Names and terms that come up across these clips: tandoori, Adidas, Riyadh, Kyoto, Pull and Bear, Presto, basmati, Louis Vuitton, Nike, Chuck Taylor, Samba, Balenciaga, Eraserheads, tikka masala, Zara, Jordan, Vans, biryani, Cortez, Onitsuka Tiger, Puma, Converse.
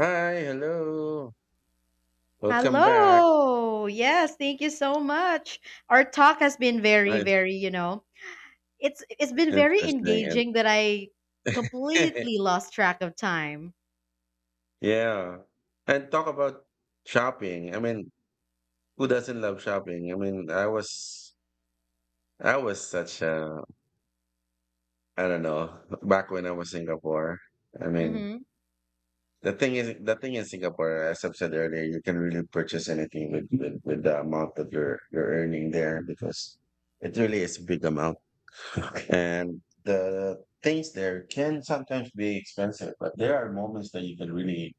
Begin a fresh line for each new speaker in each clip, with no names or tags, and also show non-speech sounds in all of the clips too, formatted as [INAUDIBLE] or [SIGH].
Hi, hello. Welcome back.
Hello. Yes, thank you so much. Our talk has been very,
Nice,
very, you know, it's been very
interesting, and
engaging that I completely
[LAUGHS]
lost track of time.
yeah, and talk about shopping. I mean, who doesn't love shopping? I mean, I was such a I don't know [LAUGHS] Back when I was Singapore. I mean,
Mhm.
the thing in Singapore, as I've said earlier, you can really purchase anything with the amount that you're earning there because it really is a big amount. And the things there can sometimes be expensive, but there are moments that you can really,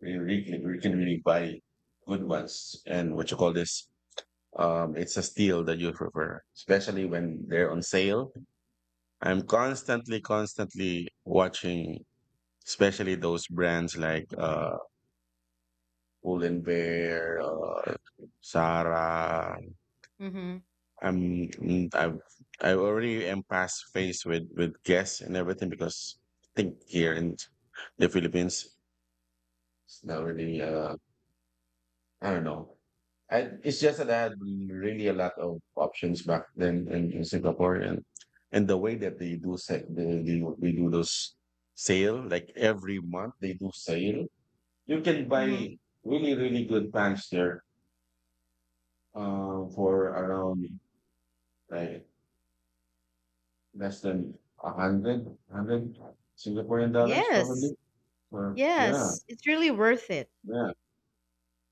really, really, you can really buy good ones. And what you call this? It's a steal that you prefer, especially when they're on sale. I'm constantly watching, especially those brands like Pull and Bear, Sara.
Mhm.
I'm mm, I've I already am past faced with guests and everything because I think here in the Philippines it's not really I don't know. It's just that I had really a lot of options back then in Singapore and the way that they do they do those sale, like every month they do sale, you can
Mhm.
buy really really good pants there, for around like less than a hundred, hundred Singaporean dollars
Yes.
probably. Or yeah,
Yes, it's really worth it.
yeah.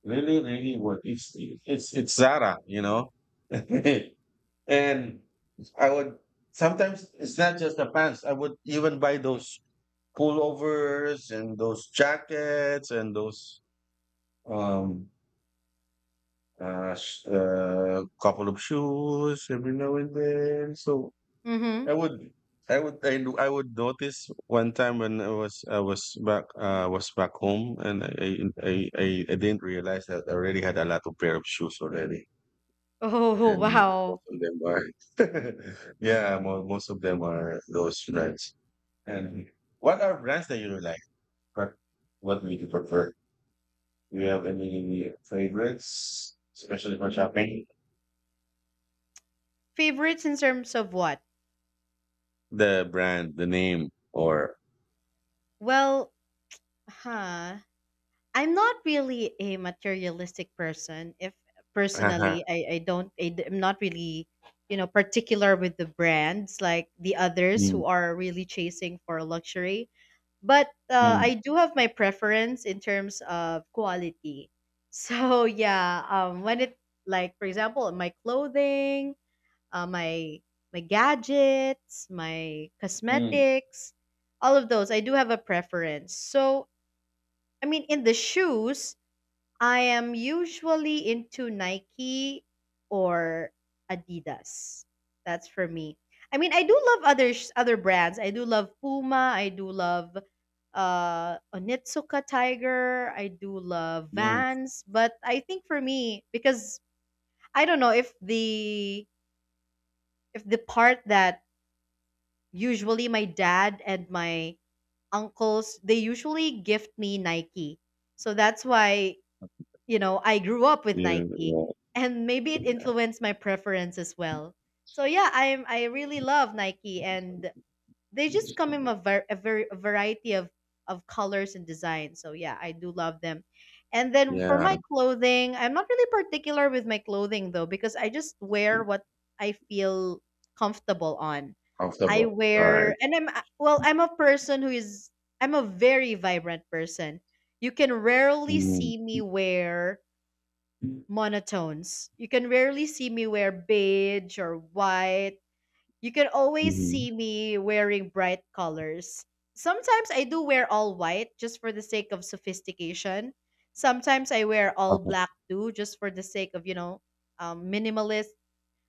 Really, really worth it's Zara, you know. [LAUGHS] And I would sometimes it's not just the pants. I would even buy those pullovers and those jackets and those um couple of shoes every now and then. So I
Mhm.
would, I would notice one time when I was, I was back home, and I didn't realize that I already had a lot of pair of shoes already,
Oh, [LAUGHS]
and
wow.
most of them are, [LAUGHS] yeah, most of them are those brands. And what are brands that you really like? What, what would you prefer? Do you have any favorites, especially for shopping?
Favorites in terms of what?
The brand, the name, or,
Well, huh. I'm not really a materialistic person. If
[LAUGHS] haha.
personally, I don't, am not really, particular with the brands like the others
Mm,
who are really chasing for luxury. But
mm,
I do have my preference in terms of quality. So [LAUGHS] yeah, when it like for example, my clothing, uh, my gadgets, my
mm, mm.
cosmetics, all of those, I do have a preference. So I mean, in the shoes. I am usually into Nike or Adidas. That's for me. I mean, I do love other brands. I do love Puma. I do love Onitsuka Tiger. I do love
Yeah,
Vans, but I think for me because I don't know if the part that usually my dad and my uncles they usually gift me Nike. So that's why you know, I grew up with Nike
yeah.
and maybe it influenced my preference as well. So yeah, I really love Nike and they just come in a very a variety of colors and designs. So yeah, I do love them. And then for
Yeah,
my clothing, I'm not really particular with my clothing though because I just wear what I feel comfortable on.
off the
I
ball. Right.
wear and I'm well, I'm a person who is I'm a very vibrant person. You can rarely
Mhm.
see me wear monotones. You can rarely see me wear beige or white. You can always
Mhm.
see me wearing bright colors. Sometimes I do wear all white just for the sake of sophistication. Sometimes I wear all
Uh-huh.
black too, just for the sake of, you know, minimalist,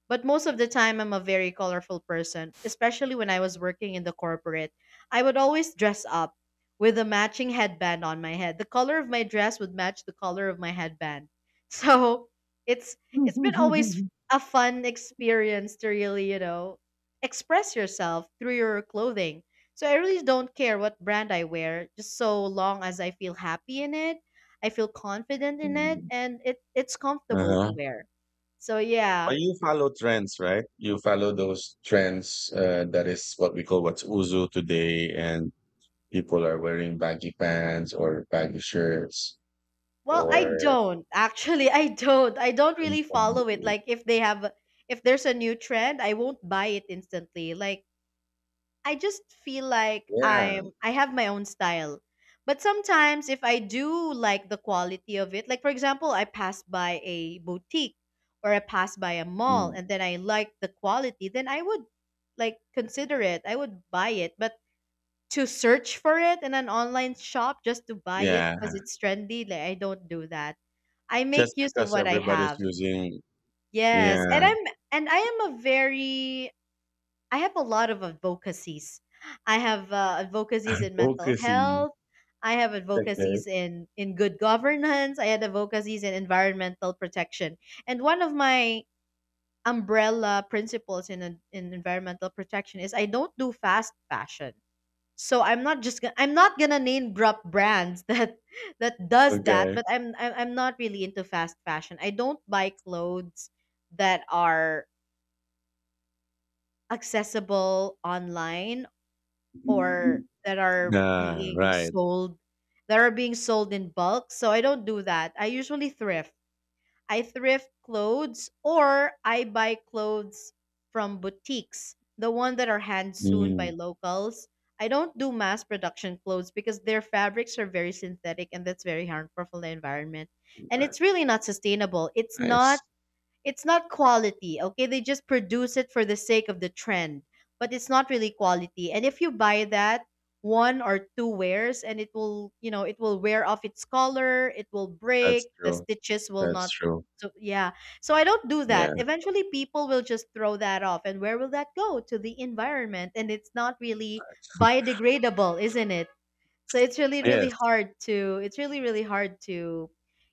but most of the time, I'm a very colorful person, especially when I was working in the corporate. I would always dress up with a matching headband on my head. The color of my dress would match the color of my headband. [LAUGHS] So it's it's been always
[LAUGHS]
a fun experience to really, you know, express yourself through your clothing. So I really don't care what brand I wear, just so long as I feel happy in it, I feel confident in it,
Mhm.
and it's comfortable
Uh-huh.
to wear. So
But
yeah.
you follow trends, right? You follow those trends. That is what we call what's uzu today, and people are wearing baggy pants or baggy shirts
Well, I
or
don't actually. I don't. I don't really follow it.
[LAUGHS]
Like if they have, if there's a new trend, I won't buy it instantly. Like I just feel like
yeah.
I have my own style. But sometimes if I do like the quality of it, like for example, I pass by a boutique or I pass by a mall,
Mm.
and then I like the quality, then I would like consider it. I would buy it. But to search for it in an online shop just to buy it
Yeah.
because it's trendy. Like I don't do that. I
Just
make use of
because
what I
everybody's
have.
using,
Yes, and
yeah,
I am a very I have a lot of advocacies. I have advocacies in mental
advocacy.
health. I have
Okay,
advocacies in good governance. I had advocacies in environmental protection. And one of my umbrella principles in environmental protection is I don't do fast fashion, so I'm not just gonna, I'm not gonna name drop brands [LAUGHS] that does that,
okay.
but I'm not really into fast fashion. I don't buy clothes that are accessible online or
[LAUGHS]
that are
Ah,
being
right.
sold in bulk, so I don't do that. I usually thrift. I thrift clothes or I buy clothes from boutiques, the one that are hand sewn by
Mm.
locals. I don't do mass production clothes because their fabrics are very synthetic and that's very harmful for the environment. And it's really not sustainable. It's not
Nice.
it's not quality, okay? They just produce it for the sake of the trend, but it's not really quality. And if you buy that, one or two wears and it will, you know, it will wear off its color, it will
That's
break, the
true.
stitches will
That's
not,
true.
so yeah. So I don't do that.
Yeah.
Eventually people will just throw that off and where will that go? To the environment, and it's not really biodegradable, isn't it? So
Yes.
it's really really hard to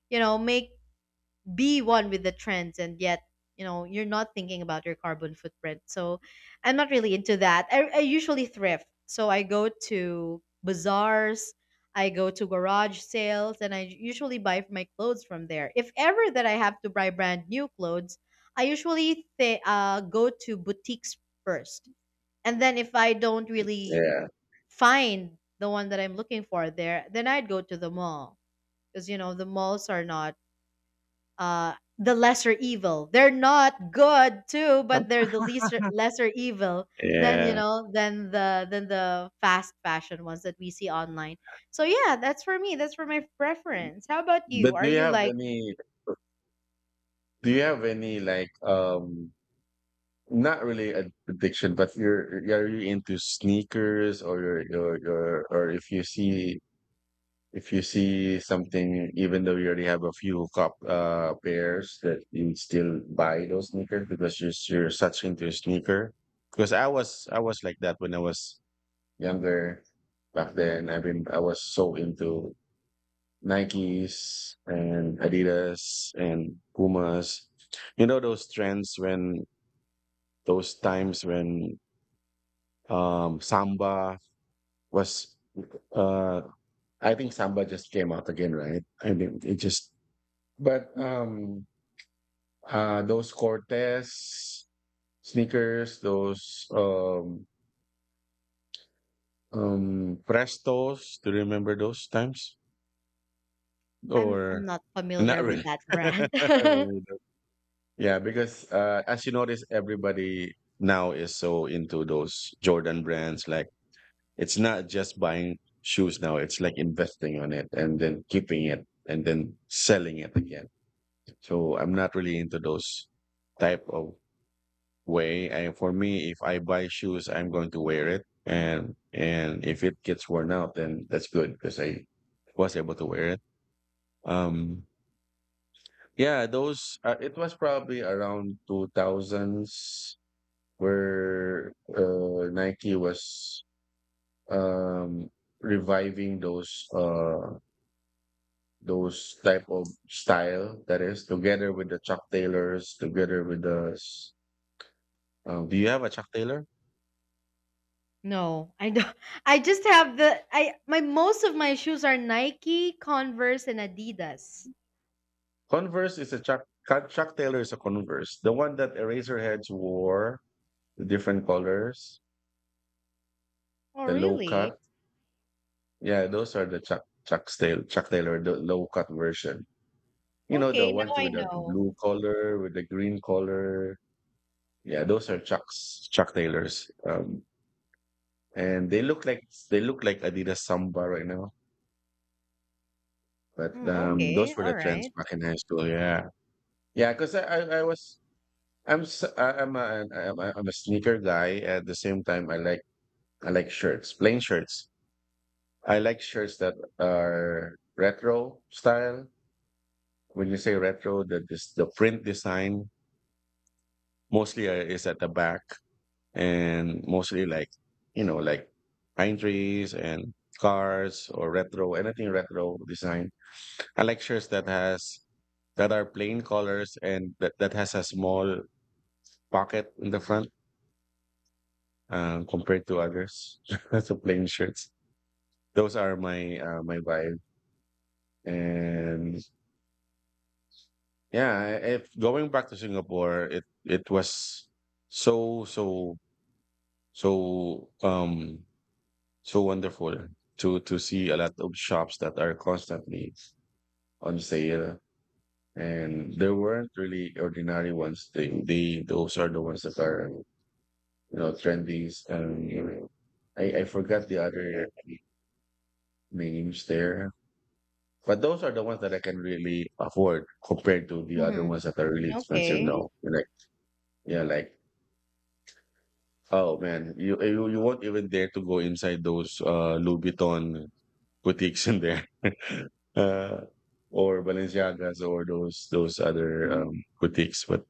you know make be one with the trends and yet you know you're not thinking about your carbon footprint, so I'm not really into that. I usually thrift, so I go to bazaars, I go to garage sales, and I usually buy my clothes from there. If ever that I have to buy brand new clothes, I usually go to boutiques first, and then if I
I
don't
think-
really
Yeah.
find the one that I'm looking for there, then I'd go to the mall because you know the malls are not the lesser evil. They're not good too, but
Huh?
they're the least lesser evil than you
Yeah.
know than the fast fashion ones that we see online. So yeah, that's for me. That's for my preference. How about you?
But do
Are
you
you
have
like
any, do you have any like not really a addiction, but you're, are you into sneakers or you're, or if you see, if you see something even though you already have a few cop pairs, that you still buy those sneakers because you're such into sneaker? Because I was like that when I was younger back then. I mean, I was so into Nikes and Adidas and Pumas. You know those trends when those times when Samba was uh I think Samba just came out again, right? I mean it just, but those Cortez sneakers, those Prestos, do you remember those times?
I'm
Or
not
not
familiar with
really.
that
[LAUGHS]
brand.
I
[LAUGHS]
really don't. Yeah, because, as you notice, everybody now is so into those Jordan brands, like, it's not just buying shoes now, it's like investing on it and then keeping it and then selling it again. So, I'm not really into those type of way, and for me, if I buy shoes, I'm going to wear it, and if it gets worn out, then that's good because I was able to wear it. Um Yeah, those it was probably around 2000s where Nike was um reviving those type of style that is together with the Chuck Taylors, together with the do you have a Chuck Taylor?
No, I don't. I just have the I my most of my shoes are Nike, Converse, and Adidas.
Converse is a Chuck Taylor is a Converse. The one that Eraserheads wore, the different colors,
Oh
the low
really?
cut. Yeah, those are the Chuck Taylor, the low cut version. You know, the
Okay, now
ones
I
with the
know.
blue collar, with the green collar. Yeah, those are Chuck's, Chuck Taylors. And they look like, they look like Adidas Samba right now. But
Mm,
those
okay,
were the
all
trends
right.
back in high school. Yeah, yeah. Because I was, I'm a sneaker guy. At the same time, I like, I like shirts, plain shirts. I like shirts that are retro style. When you say retro, the print design mostly is at the back and mostly like, you know, like pine trees and cars or retro, anything retro design. I like shirts that has, that are plain colors and that has a small pocket in the front, compared to others. [LAUGHS] That's a plain shirts, those are my my vibe. And yeah, if going back to Singapore, it was so so so um so wonderful to see a lot of shops that are constantly on sale, and there weren't really ordinary ones. They those are the ones that are, you know, trendy. And I forgot the other names there, but those are the ones that I can really afford compared to the other
Mm-hmm.
ones that are really expensive
Okay.
now. Like yeah, like oh man, you won't even dare to go inside those Louis Vuitton boutiques in there, [LAUGHS] uh, or Balenciagas or those other boutiques.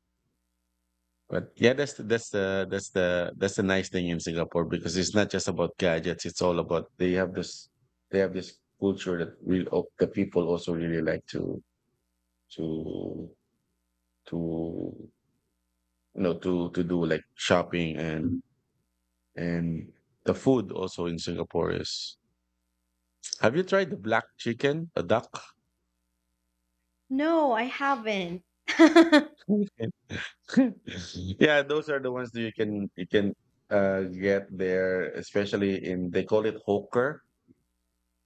But yeah, that's the, that's the that's the nice thing in Singapore because it's not just about gadgets. It's all about, they have this, they have this culture that real, oh, the people also really like to, to to, you know, to do like shopping. And the food also in Singapore is, have you tried the black chicken, the duck?
No, I haven't. [LAUGHS]
[LAUGHS] [LAUGHS] Yeah, those are the ones that you can, get there, especially in, they call it hawker.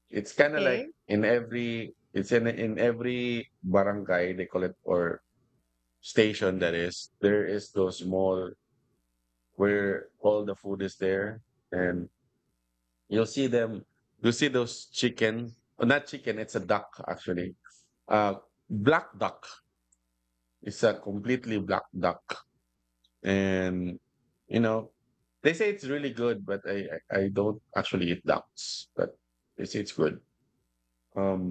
It's kind of like
Okay.
in every, it's in every barangay they call it, or station, that is there is those mall where all the food is there. And you'll see them, you'll see those chicken, oh, not chicken, it's a duck actually. uh Black duck, it's a completely black duck. And you know, they say it's really good but I don't actually eat ducks but they say it's good. um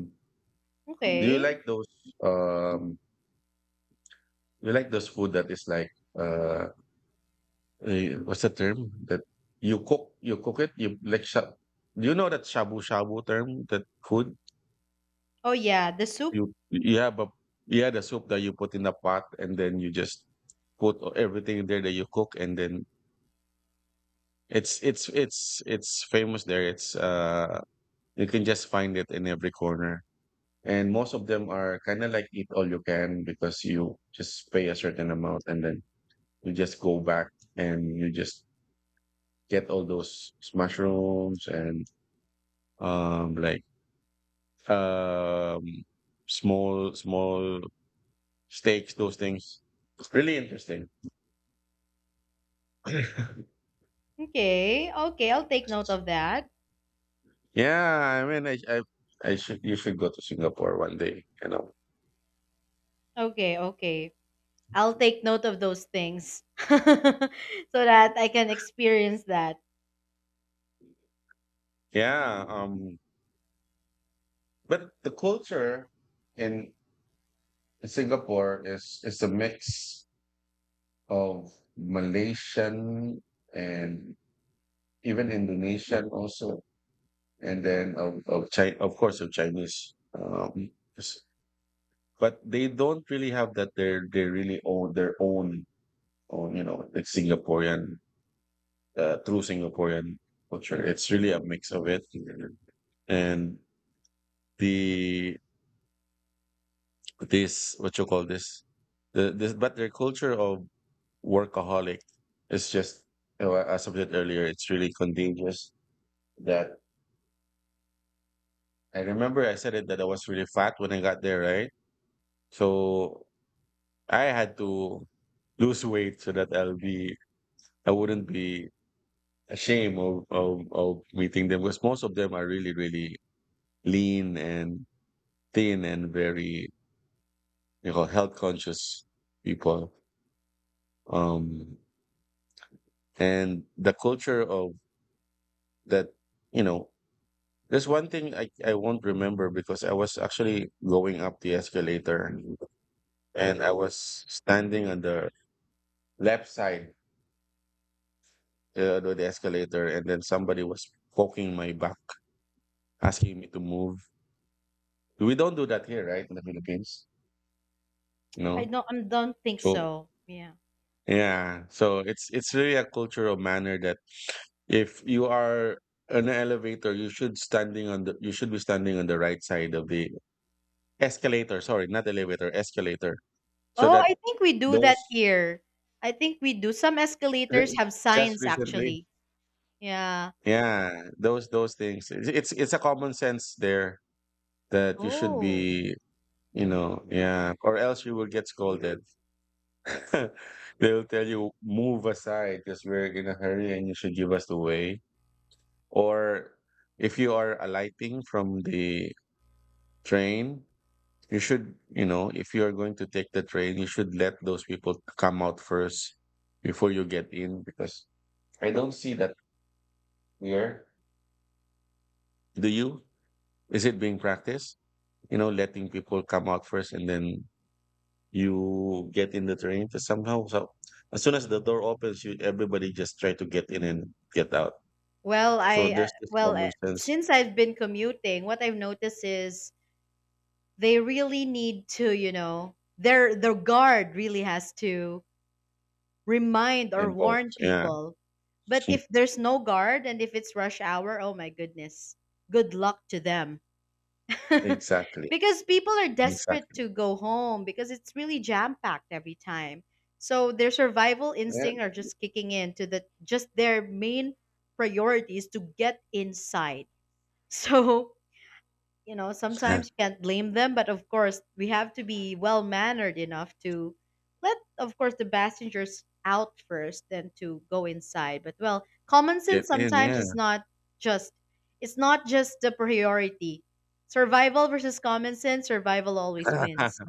do
Okay.
um you like those food that is like uh what's the term that you cook, you cook it, you like do you know that shabu shabu term, that food,
Oh yeah, the soup.
you have a, you had a soup that you put in the pot and then you just put everything there that you cook, and then it's famous there. It's uh, you can just find it in every corner. And most of them are kind of like eat all you can because you just pay a certain amount and then you just go back and you just get all those mushrooms and um like um small small steaks, those things. It's really interesting. [LAUGHS]
Okay. Okay, I'll take note of that.
Yeah, I mean, I should, you should go to Singapore one day, you know.
Okay, okay. I'll take note of those things [LAUGHS] so that I can experience that.
Yeah, but the culture in Singapore is a mix of Malaysian and even Indonesian also, and then of China, of course, of Chinese. S- but they don't really have that. They really own their own, own, you know, like Singaporean, true Singaporean culture. It's really a mix of it, and the this what you call this the this but their culture of workaholic. It's just, you know, as I said earlier, it's really contagious that I remember I said it that I was really fat when I got there, right? So I had to lose weight so that I'll be, I wouldn't be ashamed of, of meeting them because most of them are really, really lean and thin and very, you know, health conscious people. Um, and the culture of that, you know, there's one thing I won't remember because I was actually going up the escalator and I was standing on the left side, of the escalator, and then somebody was poking my back, asking me to move. We don't do that here, right? In the Philippines. You
I
know.
don't, I don't think
So
so. Yeah.
yeah. So it's really a cultural manner that if you are an elevator, you should standing on the, you should be standing on the right side of the escalator. Sorry, not elevator, escalator. So
Oh,
that
I think we do that
those
here. I think we do. Some
[LAUGHS]
escalators
Re-
have
just
signs
recently.
actually. Yeah.
Yeah, those things. It's a common sense there that you should
Oh.
be, you know, yeah, or else you will get scolded. [LAUGHS] They'll tell you move aside because we're in a hurry and you should give us the way. Or if you are alighting from the train, you should, you know, if you are going to take the train, you should let those people come out first before you get in because I don't see that here. Do you? Is it being practiced? You know, letting people come out first and then you get in the train. Because somehow, so as soon as the door opens, you everybody just try to get in and get out.
Well,
So
I
there's this
well,
common sense
since I've been commuting, what I've noticed is they really need to, you know, their guard really has to remind or warn
involved. Yeah,
people. But
[LAUGHS]
if there's no guard and if it's rush hour, oh my goodness. Good luck to them. [LAUGHS]
exactly,
Because people are desperate
exactly.
to go home because it's really jam-packed every time. So their survival
Yeah,
instinct are just kicking in to the just their main priority is to get inside. [LAUGHS] So you know, sometimes you can't blame them, but of course, we have to be well mannered enough to let, of course, the passengers out first, then to go inside. But well, common
[LAUGHS] get
sense
in.
sometimes
Yeah.
is not just it's not just the priority. Survival versus common sense, survival always wins.
[LAUGHS]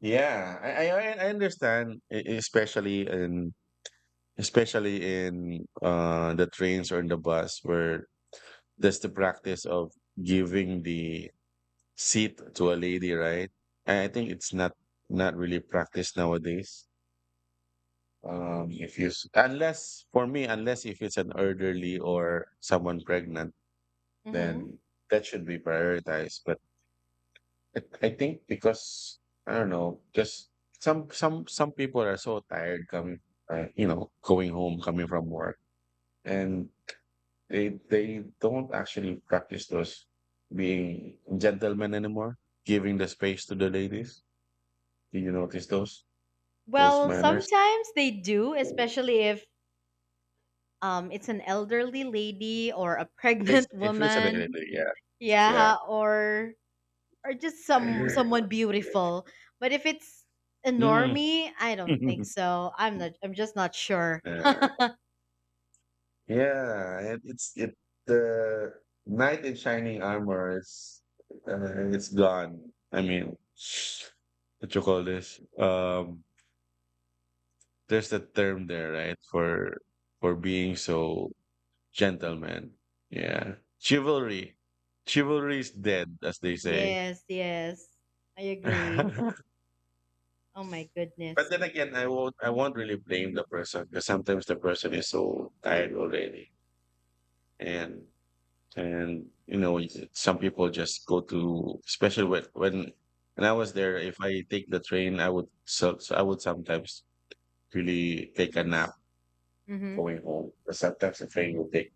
Yeah, I understand, especially in especially in the trains or in the bus where there's the practice of giving the seat to a lady, right? I think it's not really practiced nowadays. If you s- unless for me, unless if it's an elderly or someone pregnant,
Hmm.
then that should be prioritized. But I I think because I don't know, just some people are so tired coming, you know, going home, coming from work, and they don't actually practice those being gentlemen anymore, giving the space to the ladies. Do you notice those
Well,
manners?
sometimes they do, especially if it's an elderly lady or a
It's,
pregnant [LAUGHS]
it feels a little
woman.
bit, yeah, yeah.
Yeah, or just some someone beautiful. But if it's a
Mm.
normie, I don't think
[LAUGHS]
so. I'm not. I'm just not sure.
Yeah, yeah, and it's it the knight in shining armor is it's gone. I mean, what you call this? There's a term there, right? For being so gentleman. Yeah, chivalry, chivalry is dead, as they say.
Yes, yes, I agree.
[LAUGHS]
Oh my
But
goodness.
then again, I won't really blame the person because sometimes the person is so tired already. And and you know, some people just go to especially when I was there, if I take the train, I would sometimes really take a nap
Mhm.
going home. Because sometimes the train will take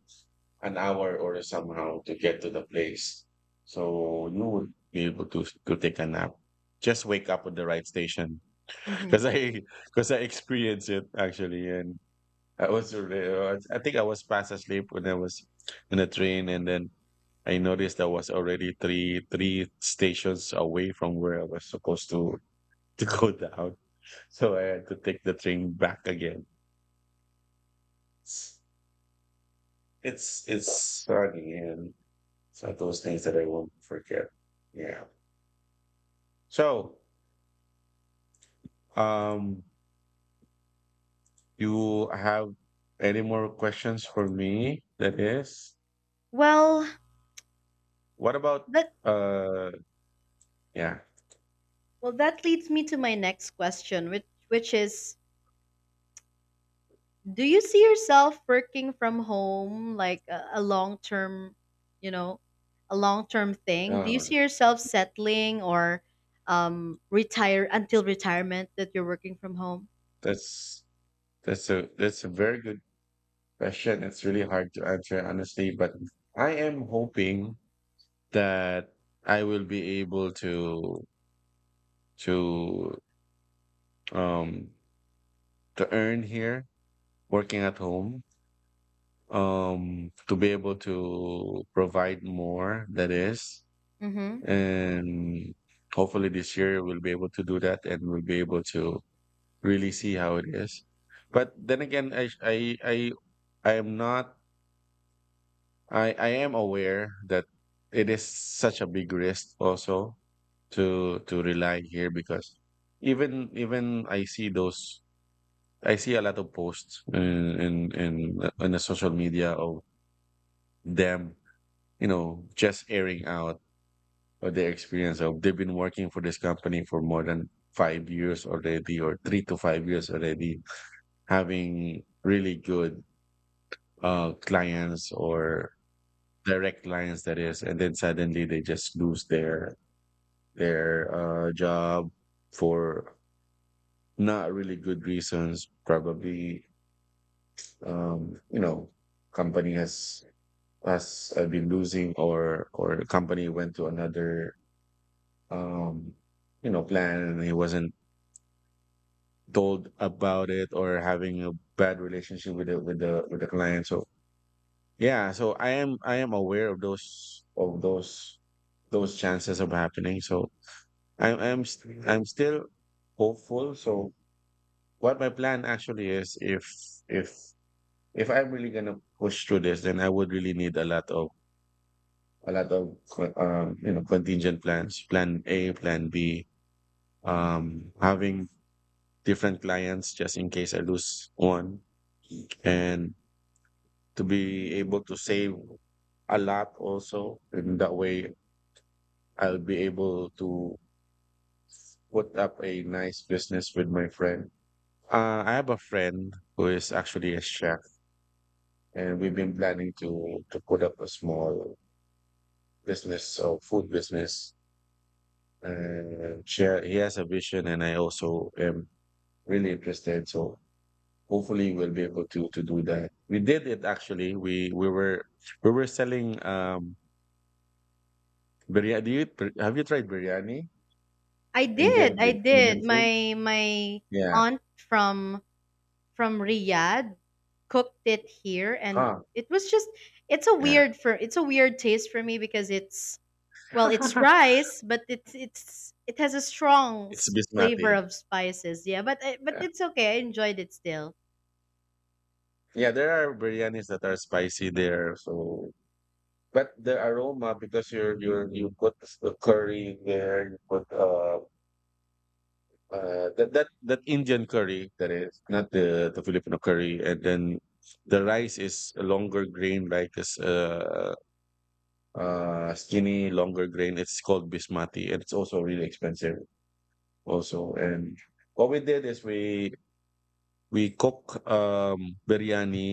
an hour or somehow to get to the place. So you would be able to take a nap. Just wake up at the right station
Mhm.
because I [LAUGHS] because I experienced it actually, and I was already, I was- I think I was fast asleep when I was in the train, and then I noticed I was already three stations away from where I was supposed to [LAUGHS] to go down. So I had to take the train back again. It's funny, and it's one of those things that I won't forget. Yeah. So, um, you have any more questions for me? That is,
Well,
what about
that
uh, yeah,
well that leads me to my next question, which is, do you see yourself working from home like a long term, you know, a long term thing? Do you
uh,
see yourself settling or retire until retirement that you're working from home?
that's That's a that's a very good question. It's really hard to answer honestly, but I am hoping that I will be able to um to earn here working at home. To be able to provide more, that is,
Mm-hmm.
and hopefully this year we'll be able to do that and we'll be able to really see how it is. But then again I I am not I am aware that it is such a big risk also to rely here because even I see those I see a lot of posts in in the social media of them, you know, just airing out of their experience of they've been working for this company for more than 5 years already or 3 to 5 years already, having really good clients or direct clients, that is, and then suddenly they just lose their job for not really good reasons. Probably, you know, company has been losing, or the company went to another, um, you know, plan, and he wasn't told about it, or having a bad relationship with the with the client. So yeah, so I am aware of those chances of happening. So I'm still hopeful. So what my plan actually is, if if if I'm really gonna push through this, then I would really need a lot of you know, contingent plans, plan A, plan B, having different clients just in case I lose one, and to be able to save a lot also, and that way I'll be able to put up a nice business with my friend. I have a friend who is actually a chef, and we've been planning to put up a small business, so food business. And share, he has a vision, and I also am really interested. So hopefully, we'll be able to do that. We did it actually. We were selling biryani. Do you, have you tried biryani?
I did.
Indian, the
I
Indian
did.
food?
My
Yeah.
aunt from Riyadh cooked it here, and
Huh.
it was just
Yeah.
it's a weird taste for me because it's, well, it's
[LAUGHS]
rice, but it's it has a strong
It's
flavor
basmati.
of spices. Yeah, but I, but
Yeah.
it's okay. I enjoyed it still.
Yeah, there are biryanis that are spicy there. So but the aroma, because you're, you put the curry there, you put that that Indian curry that is not the the Filipino curry, and then the rice is a longer grain, like it's skinny longer grain. It's called basmati, and it's also really expensive also. And what we did is we cook biryani,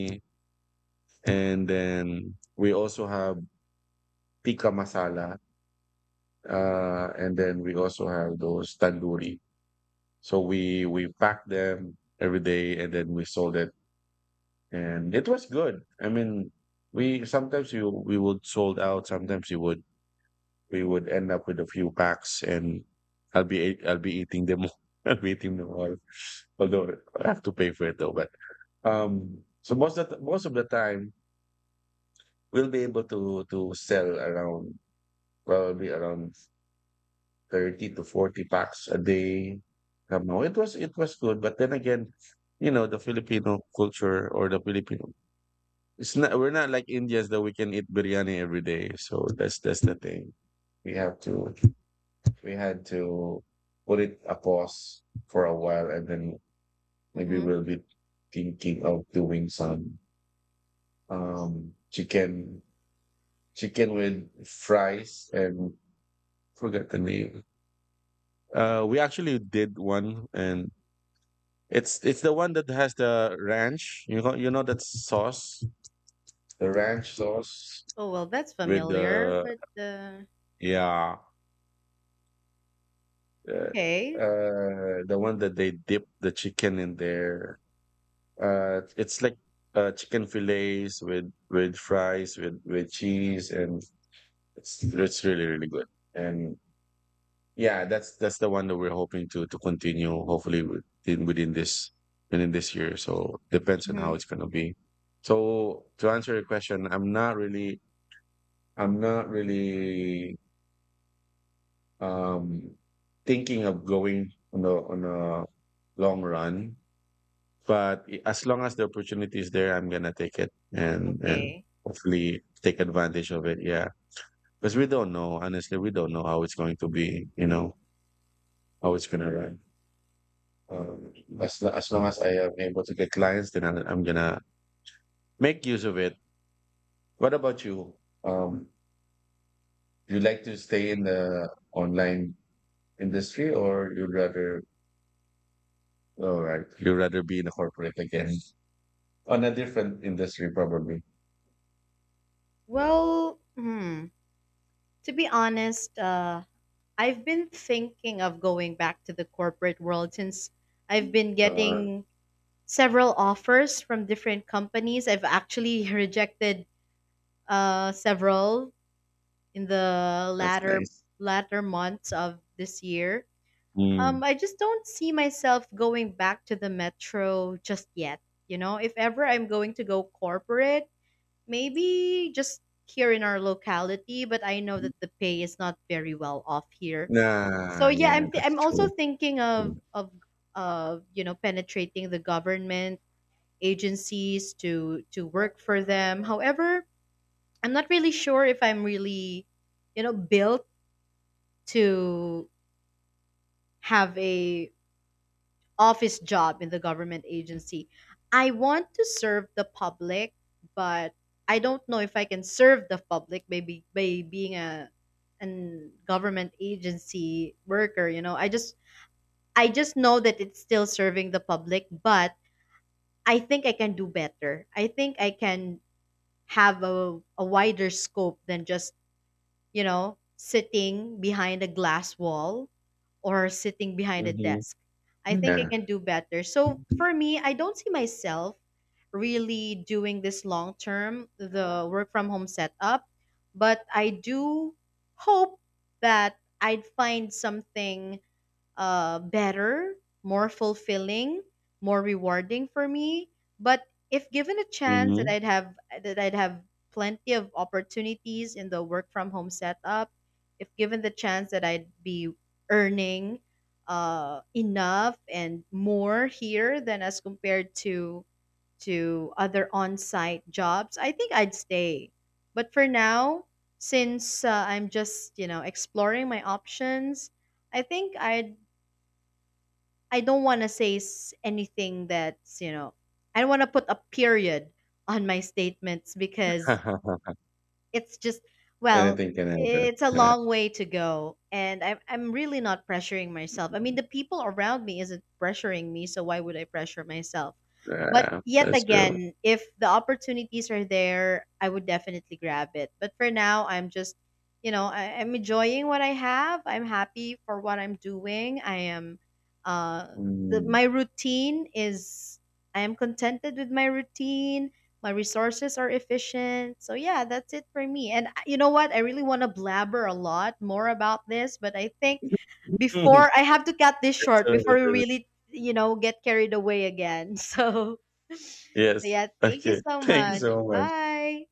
and then we also have tikka masala. And then we also have those tandoori. So we packed them every day, and then we sold it, and it was good. I mean, we sometimes you we would sold out, sometimes you would we would end up with a few packs, and I'll be eating them all- [LAUGHS] I'll be eating them all, although I have to pay for it though. But so most of the time we'll be able to sell around probably around 30 to 40 packs a day. No, it was good, but then again, you know, the Filipino culture or the Filipino, it's not, we're not like Indians that we can eat biryani every day. So that's the thing. We have to we had to put it a pause for a while, and then maybe
Hmm.
we'll be thinking of doing some chicken, chicken with fries and forget the name. We actually did one, and it's the one that has the ranch. You know that sauce, the ranch sauce
Oh well, that's
with
familiar.
the,
But
yeah, uh,
okay,
uh, the one that they dip the chicken in there. It's like chicken fillets with fries with cheese, and it's really really good. And yeah, that's the one that we're hoping to continue. Hopefully within within this year. So depends on how
hmm,
it's gonna be. So to answer your question, I'm not really, I'm not really um thinking of going on a long run. But as long as the opportunity is there, I'm gonna take it and
okay.
hopefully take advantage of it. Yeah, because we don't know. Honestly, we don't know how it's going to be. You know how it's gonna run. Um, as as long as I am able to get clients, then I'm gonna make use of it. What about you? Um, you like to stay in the online industry, or you'd rather, all right, you'd rather be in a corporate again, on a different industry probably.
Well, hmm, to be honest, I've been thinking of going back to the corporate world since I've been
Uh,
getting several offers from different companies. I've actually [LAUGHS] rejected several in the
that's nice.
latter months of this year.
Mm.
I just don't see myself going back to the metro just yet. You know, if ever I'm going to go corporate, maybe just here in our locality. But I know that the pay is not very well off here. So
Nah,
yeah,
yeah, that's
I'm also
true.
thinking of of you know penetrating the government agencies to work for them. However, I'm not really sure if I'm really you know built to have a office job in the government agency. I want to serve the public, but I don't know if I can serve the public maybe by being a an government agency worker, you know. I just know that it's still serving the public, but I think I can do better. I think I can have a wider scope than just you know, sitting behind a glass wall or sitting behind a
Mm-hmm.
desk. I think I
Yeah.
can do better. So for me, I don't see myself really doing this long term, the work from home setup, but I do hope that I'd find something better, more fulfilling, more rewarding for me. But if given a chance
Mm-hmm.
that I'd have plenty of opportunities in the work from home setup, if given the chance that I'd be earning enough and more here than as compared to other on-site jobs, I think I'd stay. But for now, since I'm just you know exploring my options, I think I'd, I don't want to say anything that's, you know, I don't want to put a period on my statements because
[LAUGHS]
it's just, well,
Anything can happen.
it's a
Yeah,
long way to go. And I'm really not pressuring myself. I mean, the people around me isn't pressuring me, so why would I pressure myself? But
yeah,
yet
that's true.
again, if the opportunities are there, I would definitely grab it. But for now, I'm just, you know, I'm enjoying what I have. I'm happy for what I'm doing. I am, uh,
Mm.
my routine is, I am contented with my routine, my resources are efficient. So yeah, that's it for me. And I, you know what? I really want to blabber a lot more about this, but I think
[LAUGHS]
before I have to cut this
It's,
short before we really, you know, get carried away again. [LAUGHS] So [LAUGHS]
yes.
yeah, thank you
Okay.
so
Thank you
much.
so much.
Bye.